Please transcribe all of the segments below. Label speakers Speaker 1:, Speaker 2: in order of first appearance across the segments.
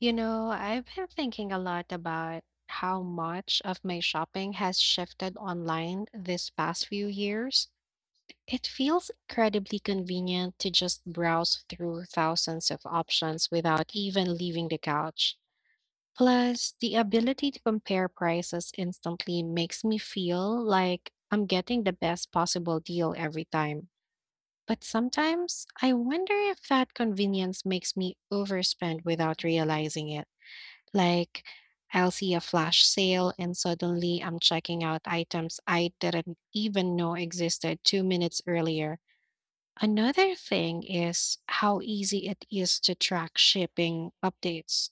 Speaker 1: You know, I've been thinking a lot about how much of my shopping has shifted online this past few years. It feels incredibly convenient to just browse through thousands of options without even leaving the couch. Plus, the ability to compare prices instantly makes me feel like I'm getting the best possible deal every time. But sometimes I wonder if that convenience makes me overspend without realizing it. Like, I'll see a flash sale and suddenly I'm checking out items I didn't even know existed 2 minutes earlier. Another thing is how easy it is to track shipping updates.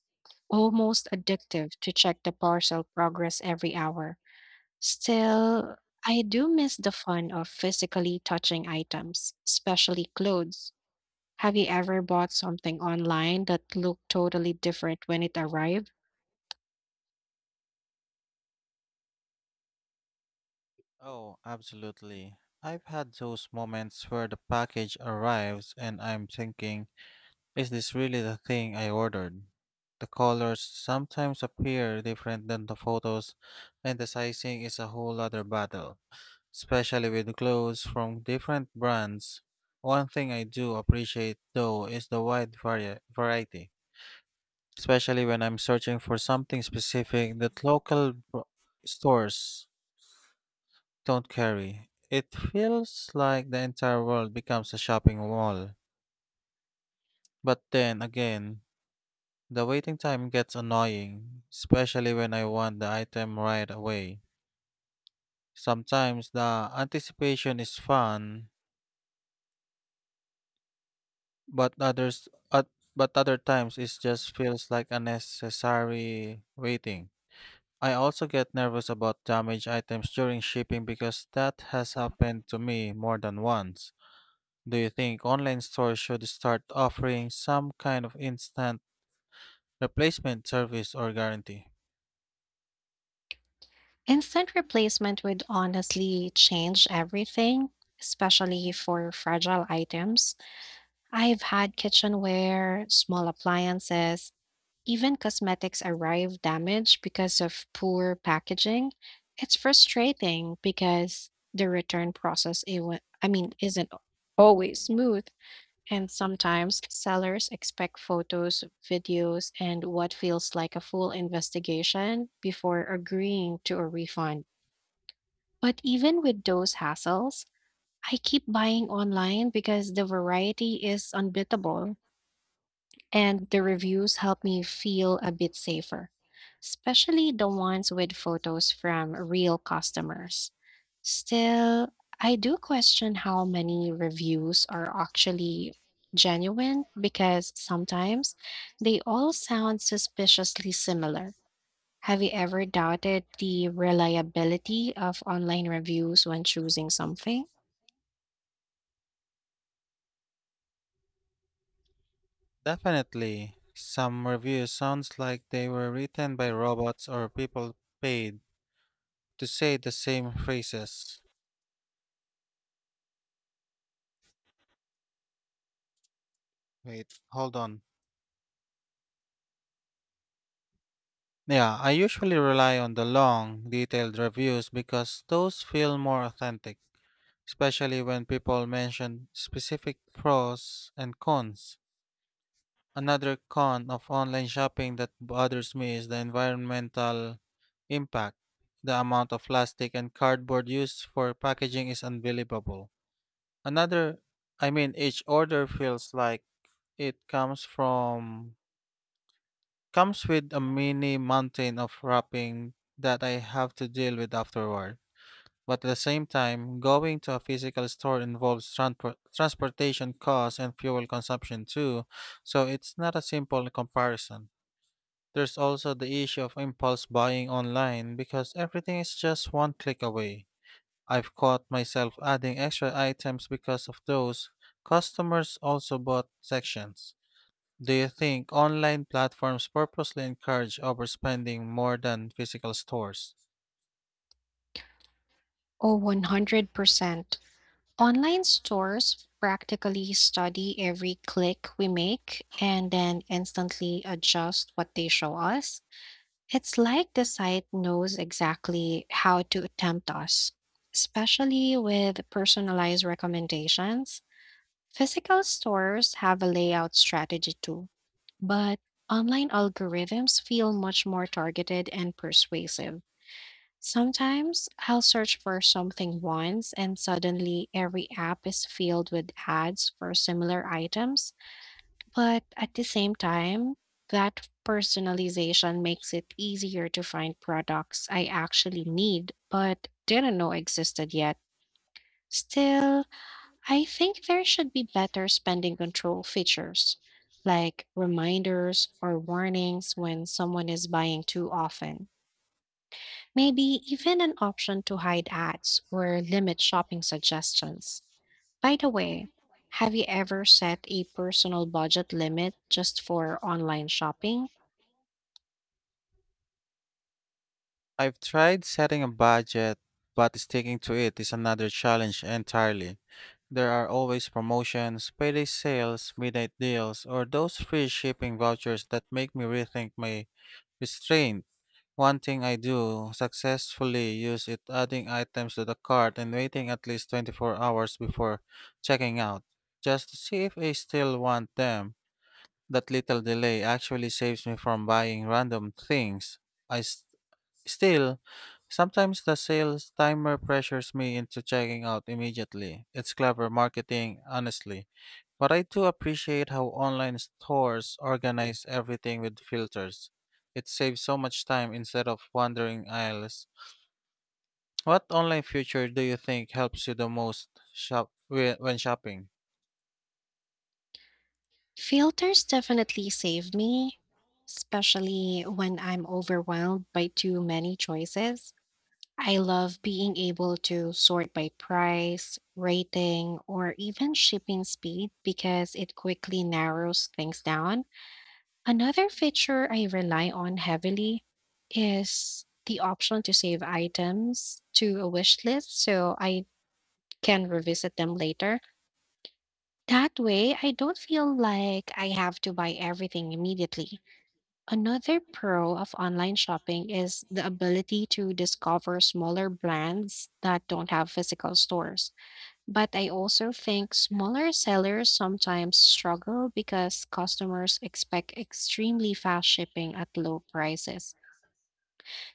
Speaker 1: Almost addictive to check the parcel progress every hour. Still, I do miss the fun of physically touching items, especially clothes. Have you ever bought something online that looked totally different when it arrived?
Speaker 2: Oh, absolutely. I've had those moments where the package arrives and I'm thinking, is this really the thing I ordered? The colors sometimes appear different than the photos, and the sizing is a whole other battle, especially with clothes from different brands. One thing I do appreciate though is the wide variety, especially when I'm searching for something specific that stores don't carry. It feels like the entire world becomes a shopping mall. But then again, the waiting time gets annoying, especially when I want the item right away. Sometimes the anticipation is fun, but but other times it just feels like unnecessary waiting. I also get nervous about damaged items during shipping because that has happened to me more than once. Do you think online stores should start offering some kind of instant replacement service or guarantee?
Speaker 1: Instant replacement would honestly change everything, especially for fragile items. I've had kitchenware, small appliances, even cosmetics arrive damaged because of poor packaging. It's frustrating because the return process it wa- I mean isn't always smooth, and sometimes sellers expect photos, videos and what feels like a full investigation before agreeing to a refund. But even with those hassles, I keep buying online because the variety is unbeatable and the reviews help me feel a bit safer, especially the ones with photos from real customers. Still, I do question how many reviews are actually genuine because sometimes they all sound suspiciously similar. Have you ever doubted the reliability of online reviews when choosing something?
Speaker 2: Definitely. Some reviews sounds like they were written by robots or people paid to say the same phrases. Wait, hold on. Yeah, I usually rely on the long, detailed reviews because those feel more authentic, especially when people mention specific pros and cons. Another con of online shopping that bothers me is the environmental impact. The amount of plastic and cardboard used for packaging is unbelievable. Another, each order feels like it comes from comes with a mini mountain of wrapping that I have to deal with afterward. But at the same time, going to a physical store involves transportation costs and fuel consumption too, so it's not a simple comparison. There's also the issue of impulse buying online because everything is just one click away. I've caught myself adding extra items because of those customers also bought sections. Do you think online platforms purposely encourage overspending more than physical stores?
Speaker 1: Oh, 100%. Online stores practically study every click we make and then instantly adjust what they show us. It's like the site knows exactly how to tempt us, especially with personalized recommendations. Physical stores have a layout strategy too, but online algorithms feel much more targeted and persuasive. Sometimes I'll search for something once and suddenly every app is filled with ads for similar items, but at the same time, that personalization makes it easier to find products I actually need but didn't know existed yet. Still, I think there should be better spending control features, like reminders or warnings when someone is buying too often. Maybe even an option to hide ads or limit shopping suggestions. By the way, have you ever set a personal budget limit just for online shopping?
Speaker 2: I've tried setting a budget, but sticking to it is another challenge entirely. There are always promotions, payday sales, midnight deals, or those free shipping vouchers that make me rethink my restraint. One thing I do successfully use is adding items to the cart and waiting at least 24 hours before checking out, just to see if I still want them. That little delay actually saves me from buying random things. I s- still Sometimes the sales timer pressures me into checking out immediately. It's clever marketing, honestly. But I do appreciate how online stores organize everything with filters. It saves so much time instead of wandering aisles. What online feature do you think helps you the most shop when shopping?
Speaker 1: Filters definitely save me, especially when I'm overwhelmed by too many choices. I love being able to sort by price, rating, or even shipping speed because it quickly narrows things down. Another feature I rely on heavily is the option to save items to a wish list so I can revisit them later. That way, I don't feel like I have to buy everything immediately. Another pro of online shopping is the ability to discover smaller brands that don't have physical stores. But I also think smaller sellers sometimes struggle because customers expect extremely fast shipping at low prices.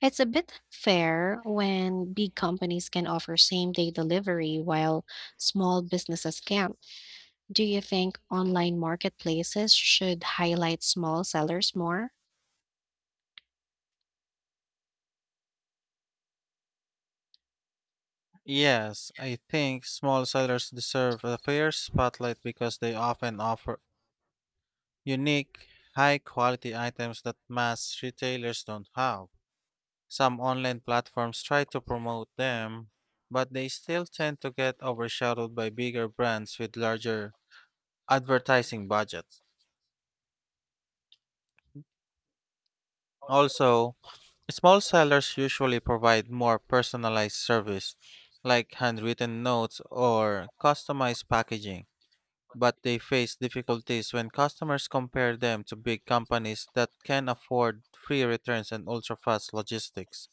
Speaker 1: It's a bit fair when big companies can offer same-day delivery while small businesses can't. Do you think online marketplaces should highlight small sellers more?
Speaker 2: Yes, I think small sellers deserve a fair spotlight because they often offer unique, high quality items that mass retailers don't have. Some online platforms try to promote them, but they still tend to get overshadowed by bigger brands with larger advertising budgets. Also, small sellers usually provide more personalized service, like handwritten notes or customized packaging, but they face difficulties when customers compare them to big companies that can afford free returns and ultra fast logistics.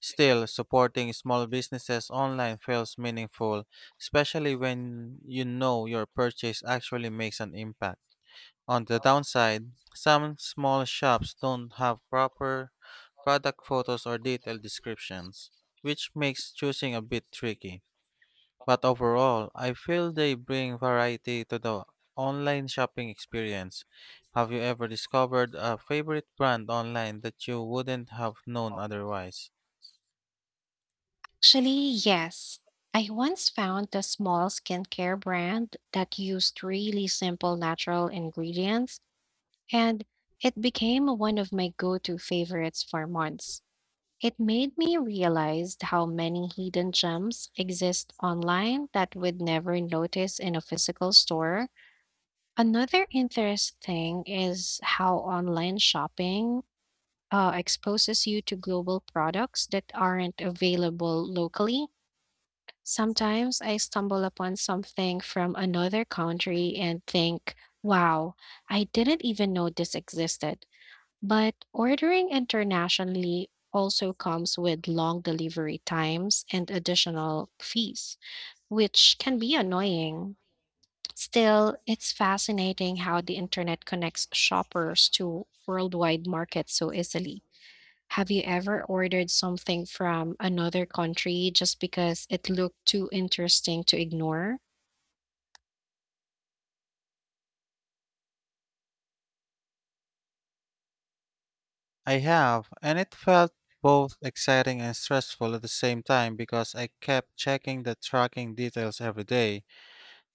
Speaker 2: Still, supporting small businesses online feels meaningful, especially when you know your purchase actually makes an impact. On the downside, some small shops don't have proper product photos or detailed descriptions, which makes choosing a bit tricky. But overall, I feel they bring variety to the online shopping experience. Have you ever discovered a favorite brand online that you wouldn't have known otherwise?
Speaker 1: Actually, yes. I once found a small skincare brand that used really simple natural ingredients, and it became one of my go to favorites for months. It made me realize how many hidden gems exist online that we'd never notice in a physical store. Another interesting is how online shopping exposes you to global products that aren't available locally. Sometimes I stumble upon something from another country and think, wow, I didn't even know this existed. But ordering internationally also comes with long delivery times and additional fees, which can be annoying. Still, it's fascinating how the internet connects shoppers to worldwide markets so easily. Have you ever ordered something from another country just because it looked too interesting to ignore?
Speaker 2: I have, and it felt both exciting and stressful at the same time because I kept checking the tracking details every day.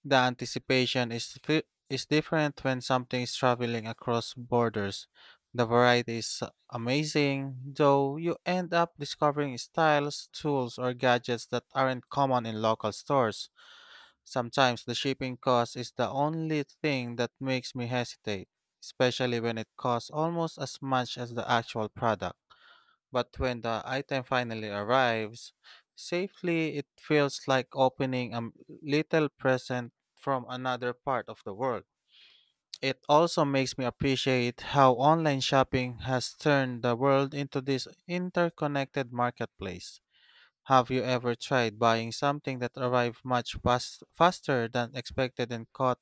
Speaker 2: The anticipation is different when something is traveling across borders. The variety is amazing, though you end up discovering styles, tools, or gadgets that aren't common in local stores. Sometimes the shipping cost is the only thing that makes me hesitate, especially when it costs almost as much as the actual product. But when the item finally arrives safely, it feels like opening a little present from another part of the world. It also makes me appreciate how online shopping has turned the world into this interconnected marketplace. Have you ever tried buying something that arrived faster than expected and caught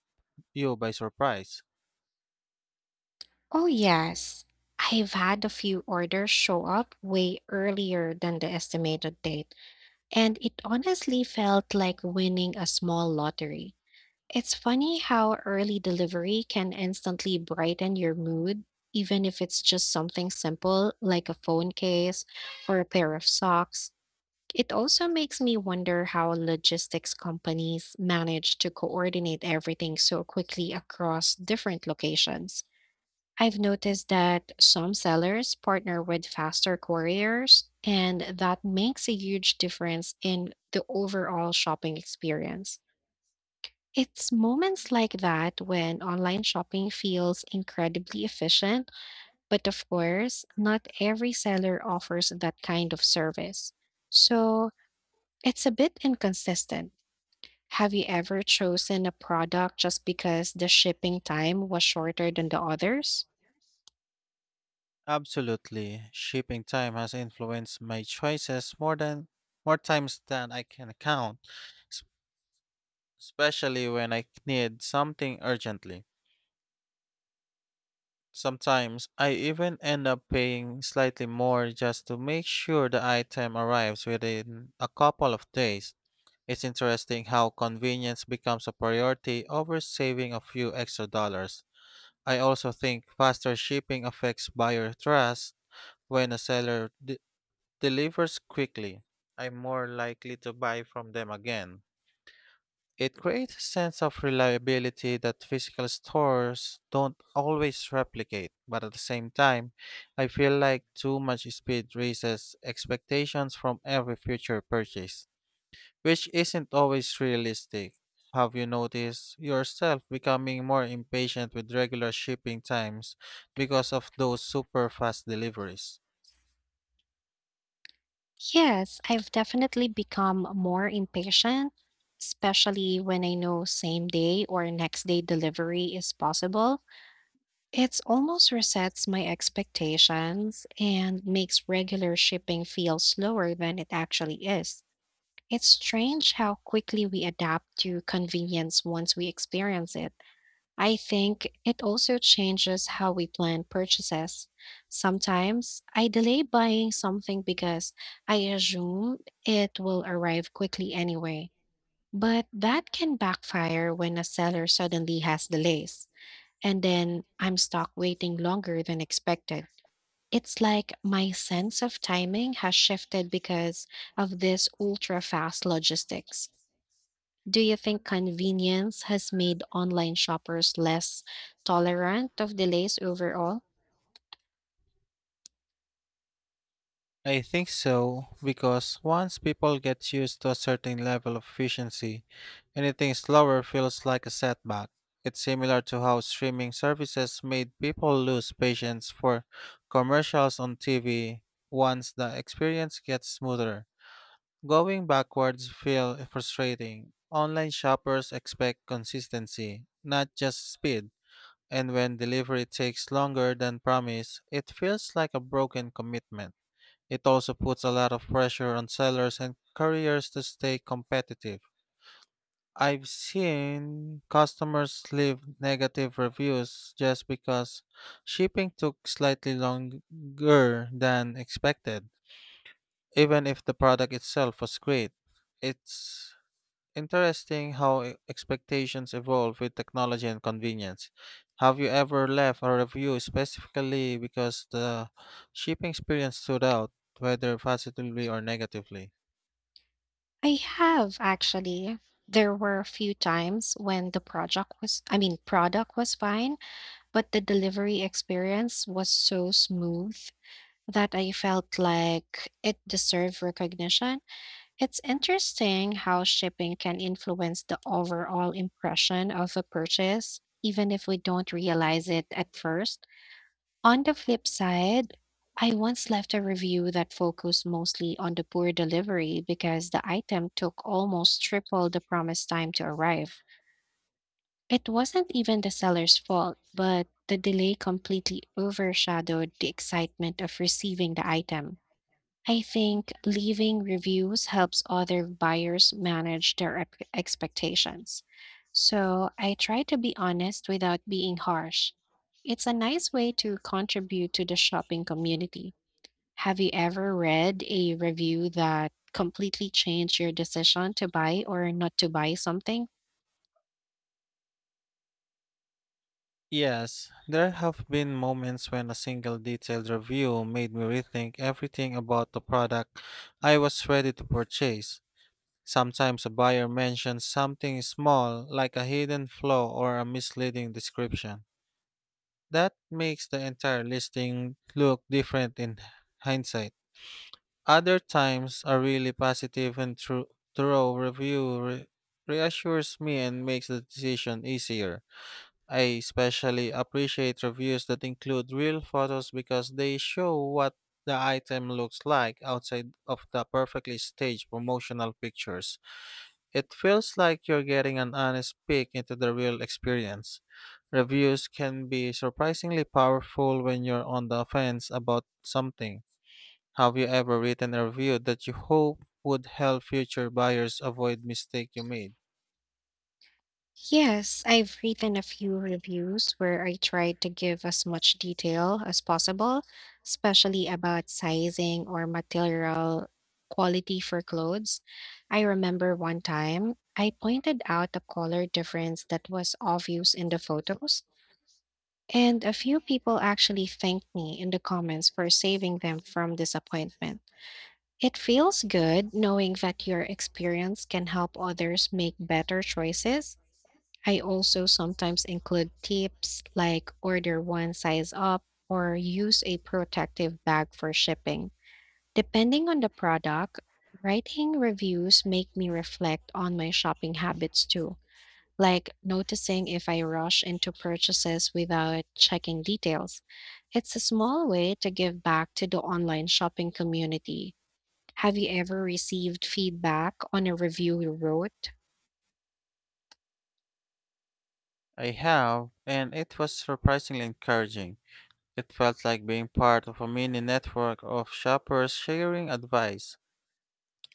Speaker 2: you by surprise?
Speaker 1: Oh, yes. I've had a few orders show up way earlier than the estimated date, and it honestly felt like winning a small lottery. It's funny how early delivery can instantly brighten your mood, even if it's just something simple like a phone case or a pair of socks. It also makes me wonder how logistics companies manage to coordinate everything so quickly across different locations. I've noticed that some sellers partner with faster couriers, and that makes a huge difference in the overall shopping experience. It's moments like that when online shopping feels incredibly efficient, but of course, not every seller offers that kind of service. So, it's a bit inconsistent. Have you ever chosen a product just because the shipping time was shorter than the others?
Speaker 2: Absolutely. Shipping time has influenced my choices more times than I can count. s- Especially when I need something urgently. Sometimes I even end up paying slightly more just to make sure the item arrives within a couple of days. It's interesting how convenience becomes a priority over saving a few extra dollars. I also think faster shipping affects buyer trust when a seller delivers quickly. I'm more likely to buy from them again. It creates a sense of reliability that physical stores don't always replicate, but at the same time, I feel like too much speed raises expectations from every future purchase, which isn't always realistic. Have you noticed yourself becoming more impatient with regular shipping times because of those super fast deliveries?
Speaker 1: Yes, I've definitely become more impatient, especially when I know same day or next day delivery is possible. It's almost resets my expectations and makes regular shipping feel slower than it actually is. It's strange how quickly we adapt to convenience once we experience it. I think it also changes how we plan purchases. Sometimes I delay buying something because I assume it will arrive quickly anyway. But that can backfire when a seller suddenly has delays, and then I'm stuck waiting longer than expected. It's like my sense of timing has shifted because of this ultra fast logistics. Do you think convenience has made online shoppers less tolerant of delays overall?
Speaker 2: I think so, because once people get used to a certain level of efficiency, anything slower feels like a setback. It's similar to how streaming services made people lose patience for commercials on TV once the experience gets smoother. Going backwards feels frustrating. Online shoppers expect consistency, not just speed. And when delivery takes longer than promised, it feels like a broken commitment. It also puts a lot of pressure on sellers and couriers to stay competitive. I've seen customers leave negative reviews just because shipping took slightly longer than expected, even if the product itself was great. It's Interesting how expectations evolve with technology and convenience. Have you ever left a review specifically because the shipping experience stood out, whether positively or negatively?
Speaker 1: I have actually. There were a few times when the project was, I mean, product was fine, but the delivery experience was so smooth that I felt like it deserved recognition. It's interesting how shipping can influence the overall impression of a purchase, even if we don't realize it at first. On the flip side, I once left a review that focused mostly on the poor delivery because the item took almost triple the promised time to arrive. It wasn't even the seller's fault, but the delay completely overshadowed the excitement of receiving the item. I think leaving reviews helps other buyers manage their expectations. So I try to be honest without being harsh. It's a nice way to contribute to the shopping community. Have you ever read a review that completely changed your decision to buy or not to buy something?
Speaker 2: Yes, there have been moments when a single detailed review made me rethink everything about the product I was ready to purchase. Sometimes a buyer mentions something small, like a hidden flaw or a misleading description, that makes the entire listing look different in hindsight. Other times, a really positive and thorough review reassures me and makes the decision easier. I especially appreciate reviews that include real photos because they show what the item looks like outside of the perfectly staged promotional pictures. It feels like you're getting an honest peek into the real experience. Reviews can be surprisingly powerful when you're on the fence about something. Have you ever written a review that you hope would help future buyers avoid mistake you made?
Speaker 1: Yes, I've written a few reviews where I tried to give as much detail as possible, especially about sizing or material quality for clothes. I remember one time I pointed out a color difference that was obvious in the photos, and a few people actually thanked me in the comments for saving them from disappointment. It feels good knowing that your experience can help others make better choices. I also sometimes include tips like order one size up or use a protective bag for shipping. Depending on the product, writing reviews make me reflect on my shopping habits too, like noticing if I rush into purchases without checking details. It's a small way to give back to the online shopping community. Have you ever received feedback on a review you wrote?
Speaker 2: I have, and it was surprisingly encouraging. It felt like being part of a mini network of shoppers sharing advice.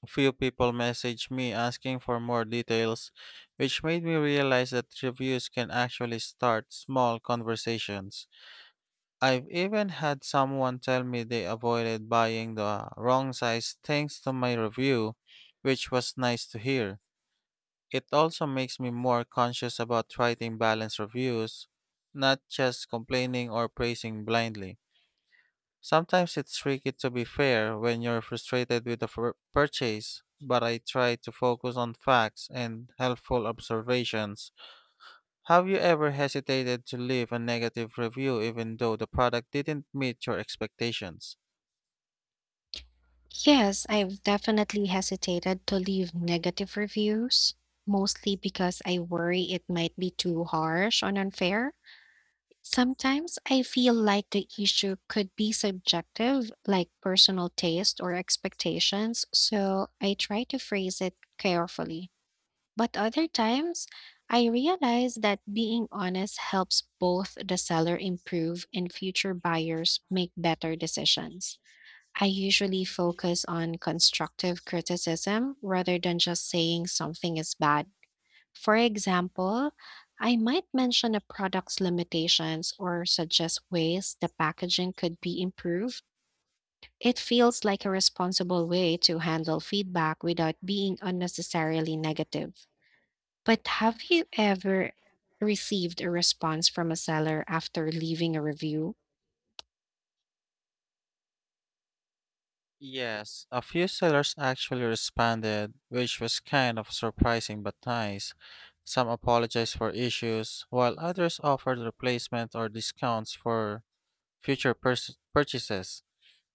Speaker 2: A few people messaged me asking for more details, which made me realize that reviews can actually start small conversations. I've even had someone tell me they avoided buying the wrong size thanks to my review, which was nice to hear. It also makes me more conscious about writing balanced reviews, not just complaining or praising blindly. Sometimes it's tricky to be fair when you're frustrated with a purchase, but I try to focus on facts and helpful observations. Have you ever hesitated to leave a negative review even though the product didn't meet your expectations?
Speaker 1: Yes, I've definitely hesitated to leave negative reviews, mostly because I worry it might be too harsh or unfair. Sometimes I feel like the issue could be subjective, like personal taste or expectations, so I try to phrase it carefully. But other times, I realize that being honest helps both the seller improve and future buyers make better decisions. I usually focus on constructive criticism rather than just saying something is bad. For example, I might mention a product's limitations or suggest ways the packaging could be improved. It feels like a responsible way to handle feedback without being unnecessarily negative. But have you ever received a response from a seller after leaving a review?
Speaker 2: Yes, a few sellers actually responded, which was kind of surprising but nice. Some apologized for issues, while others offered replacement or discounts for future purchases.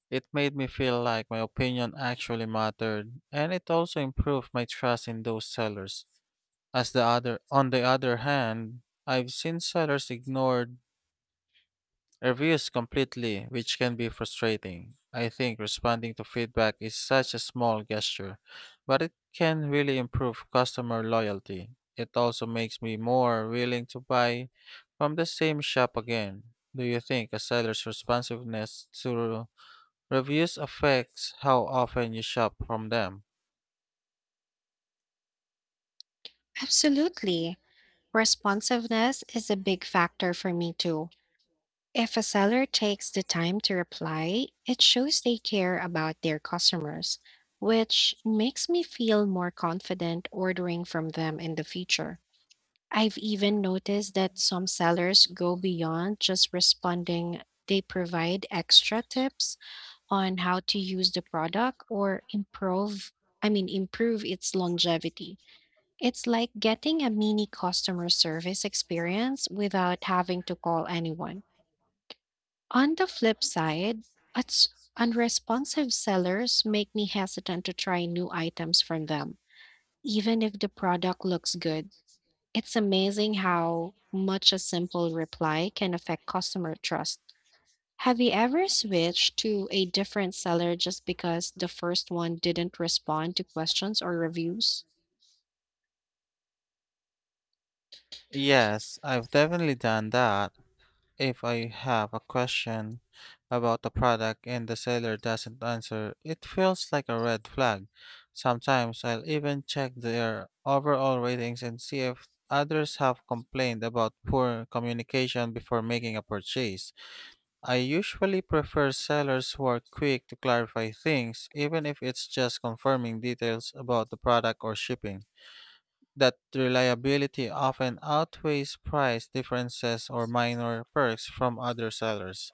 Speaker 2: It made me feel like my opinion actually mattered, and it also improved my trust in those sellers. On the other hand, I've seen sellers ignore reviews completely, which can be frustrating. I think responding to feedback is such a small gesture, but it can really improve customer loyalty. It also makes me more willing to buy from the same shop again. Do you think a seller's responsiveness to reviews affects how often you shop from them?
Speaker 1: Absolutely. Responsiveness is a big factor for me too. If a seller takes the time to reply, it shows they care about their customers, which makes me feel more confident ordering from them in the future. I've even noticed that some sellers go beyond just responding. They provide extra tips on how to use the product or improve its longevity. It's like getting a mini customer service experience without having to call anyone. On the flip side, uns- unresponsive sellers make me hesitant to try new items from them, even if the product looks good. It's amazing how much a simple reply can affect customer trust. Have you ever switched to a different seller just because the first one didn't respond to questions or reviews?
Speaker 2: Yes, I've definitely done that. If I have a question about a product and the seller doesn't answer, it feels like a red flag. Sometimes I'll even check their overall ratings and see if others have complained about poor communication before making a purchase. I usually prefer sellers who are quick to clarify things, even if it's just confirming details about the product or shipping. That reliability often outweighs price differences or minor perks from other sellers.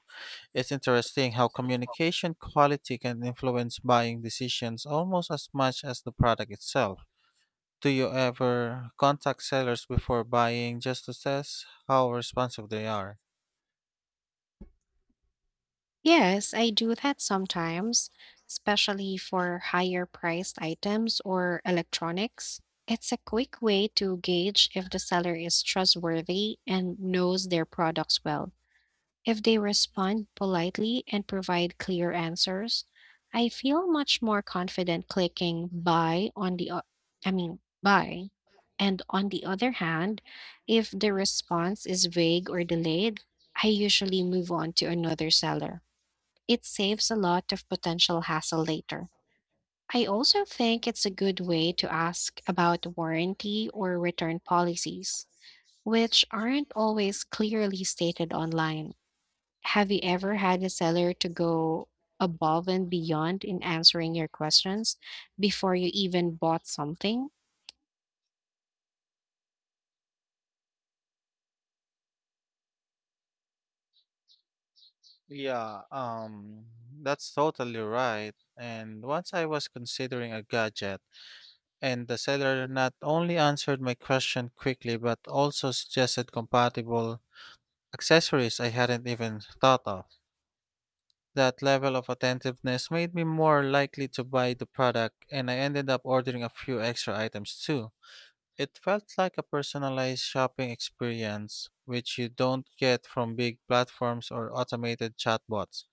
Speaker 2: It's interesting how communication quality can influence buying decisions almost as much as the product itself. Do you ever contact sellers before buying just to test how responsive they are?
Speaker 1: Yes, I do that sometimes, especially for higher priced items or electronics. It's a quick way to gauge if the seller is trustworthy and knows their products well. If they respond politely and provide clear answers, I feel much more confident clicking buy. And on the other hand, if the response is vague or delayed, I usually move on to another seller. It saves a lot of potential hassle later. I also think it's a good way to ask about warranty or return policies, which aren't always clearly stated online. Have you ever had a seller to go above and beyond in answering your questions before you even bought something?
Speaker 2: Yeah, um, that's totally right. And once I was considering a gadget, and the seller not only answered my question quickly but also suggested compatible accessories I hadn't even thought of. That level of attentiveness made me more likely to buy the product, and I ended up ordering a few extra items too. It felt like a personalized shopping experience, which you don't get from big platforms or automated chatbots.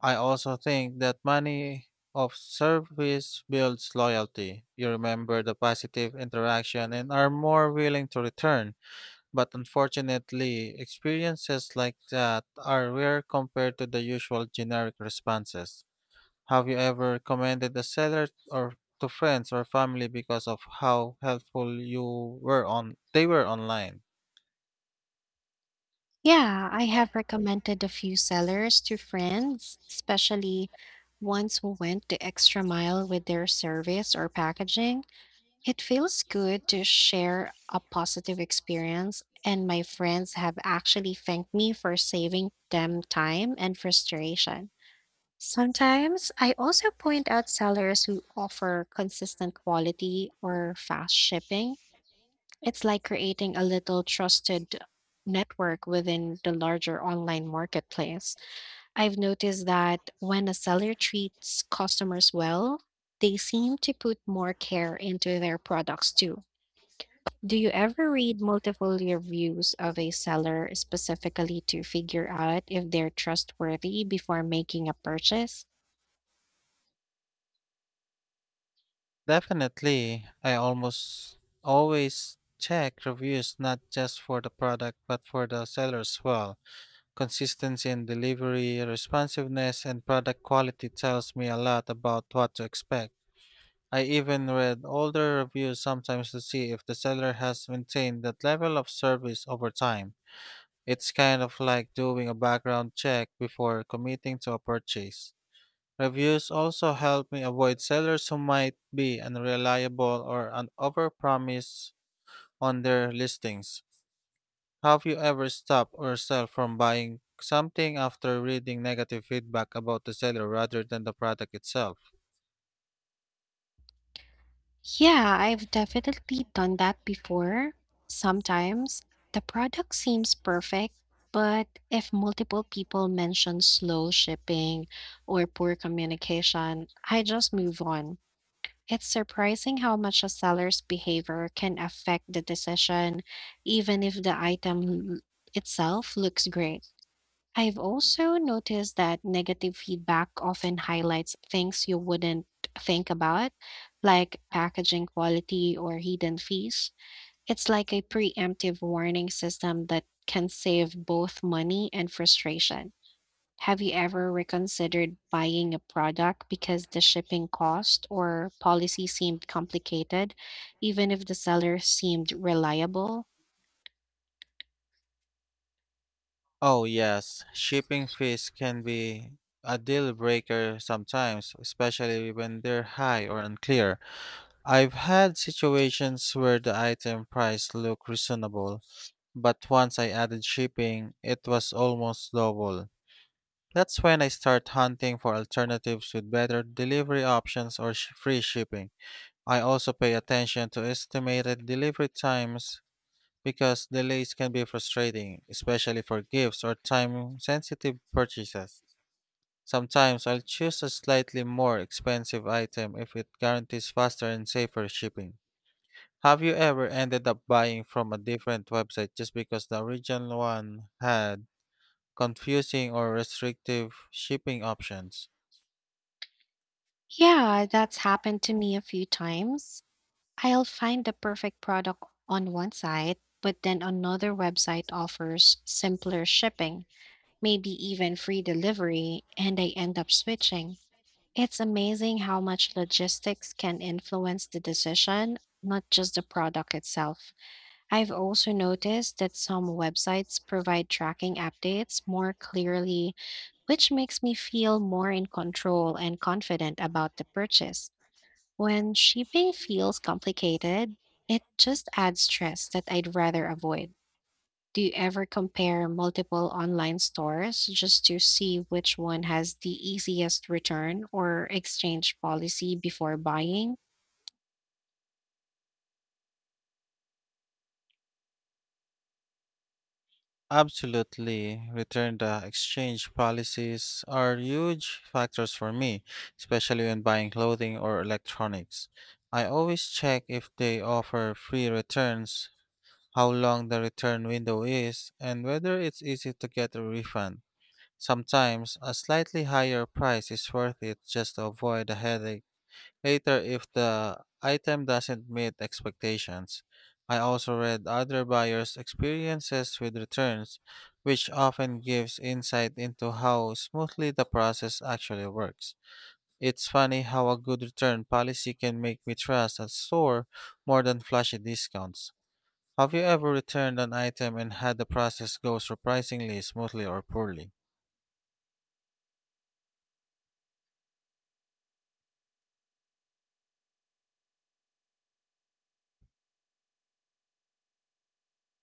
Speaker 2: I also think that money of service builds loyalty. You remember the positive interaction and are more willing to return. But unfortunately, experiences like that are rare compared to the usual generic responses. Have you ever commended a seller or to friends or family because of how helpful you were on they were online?
Speaker 1: Yeah, I have recommended a few sellers to friends, especially ones who went the extra mile with their service or packaging. It feels good to share a positive experience, and my friends have actually thanked me for saving them time and frustration. Sometimes I also point out sellers who offer consistent quality or fast shipping. It's like creating a little trusted network within the larger online marketplace. I've noticed that when a seller treats customers well, they seem to put more care into their products too. Do you ever read multiple reviews of a seller specifically to figure out if they're trustworthy before making a purchase?
Speaker 2: Definitely, I almost always check reviews not just for the product but for the seller as well. Consistency in delivery, responsiveness, and product quality tells me a lot about what to expect. I even read older reviews sometimes to see if the seller has maintained that level of service over time. It's kind of like doing a background check before committing to a purchase. Reviews also help me avoid sellers who might be overpromise on their listings. Have you ever stopped yourself from buying something after reading negative feedback about the seller rather than the product itself?
Speaker 1: Yeah, I've definitely done that before. Sometimes the product seems perfect, but if multiple people mention slow shipping or poor communication, I just move on. It's surprising how much a seller's behavior can affect the decision, even if the l- itself looks great. I've also noticed that negative feedback often highlights things you wouldn't think about, like packaging quality or hidden fees. It's like a preemptive warning system that can save both money and frustration. Have you ever reconsidered buying a product because the shipping cost or policy seemed complicated, even if the seller seemed reliable?
Speaker 2: Oh, yes. Shipping fees can be a deal breaker sometimes, especially when they're high or unclear. I've had situations where the item price looked reasonable, but once I added shipping, it was almost double. That's when I start hunting for alternatives with better delivery options or free shipping. I also pay attention to estimated delivery times because delays can be frustrating, especially for gifts or time sensitive purchases. Sometimes I'll choose a slightly more expensive item if it guarantees faster and safer shipping. Have you ever ended up buying from a different website just because the original one had confusing or restrictive shipping options?
Speaker 1: Yeah, that's happened to me a few times. I'll find the perfect product on one site, but then another website offers simpler shipping, maybe even free delivery, and I end up switching. It's amazing how much logistics can influence the decision, not just the product itself. I've also noticed that some websites provide tracking updates more clearly, which makes me feel more in control and confident about the purchase. When shipping feels complicated, it just adds stress that I'd rather avoid. Do you ever compare multiple online stores just to see which one has the easiest return or exchange policy before buying?
Speaker 2: Absolutely. Return the exchange policies are huge factors for me, especially when buying clothing or electronics. I always check if they offer free returns, how long the return window is, and whether it's easy to get a refund. Sometimes a slightly higher price is worth it just to avoid a headache later if the item doesn't meet expectations. I also read other buyers' experiences with returns, which often gives insight into how smoothly the process actually works. It's funny how a good return policy can make me trust a store more than flashy discounts. Have you ever returned an item and had the process go surprisingly smoothly or poorly?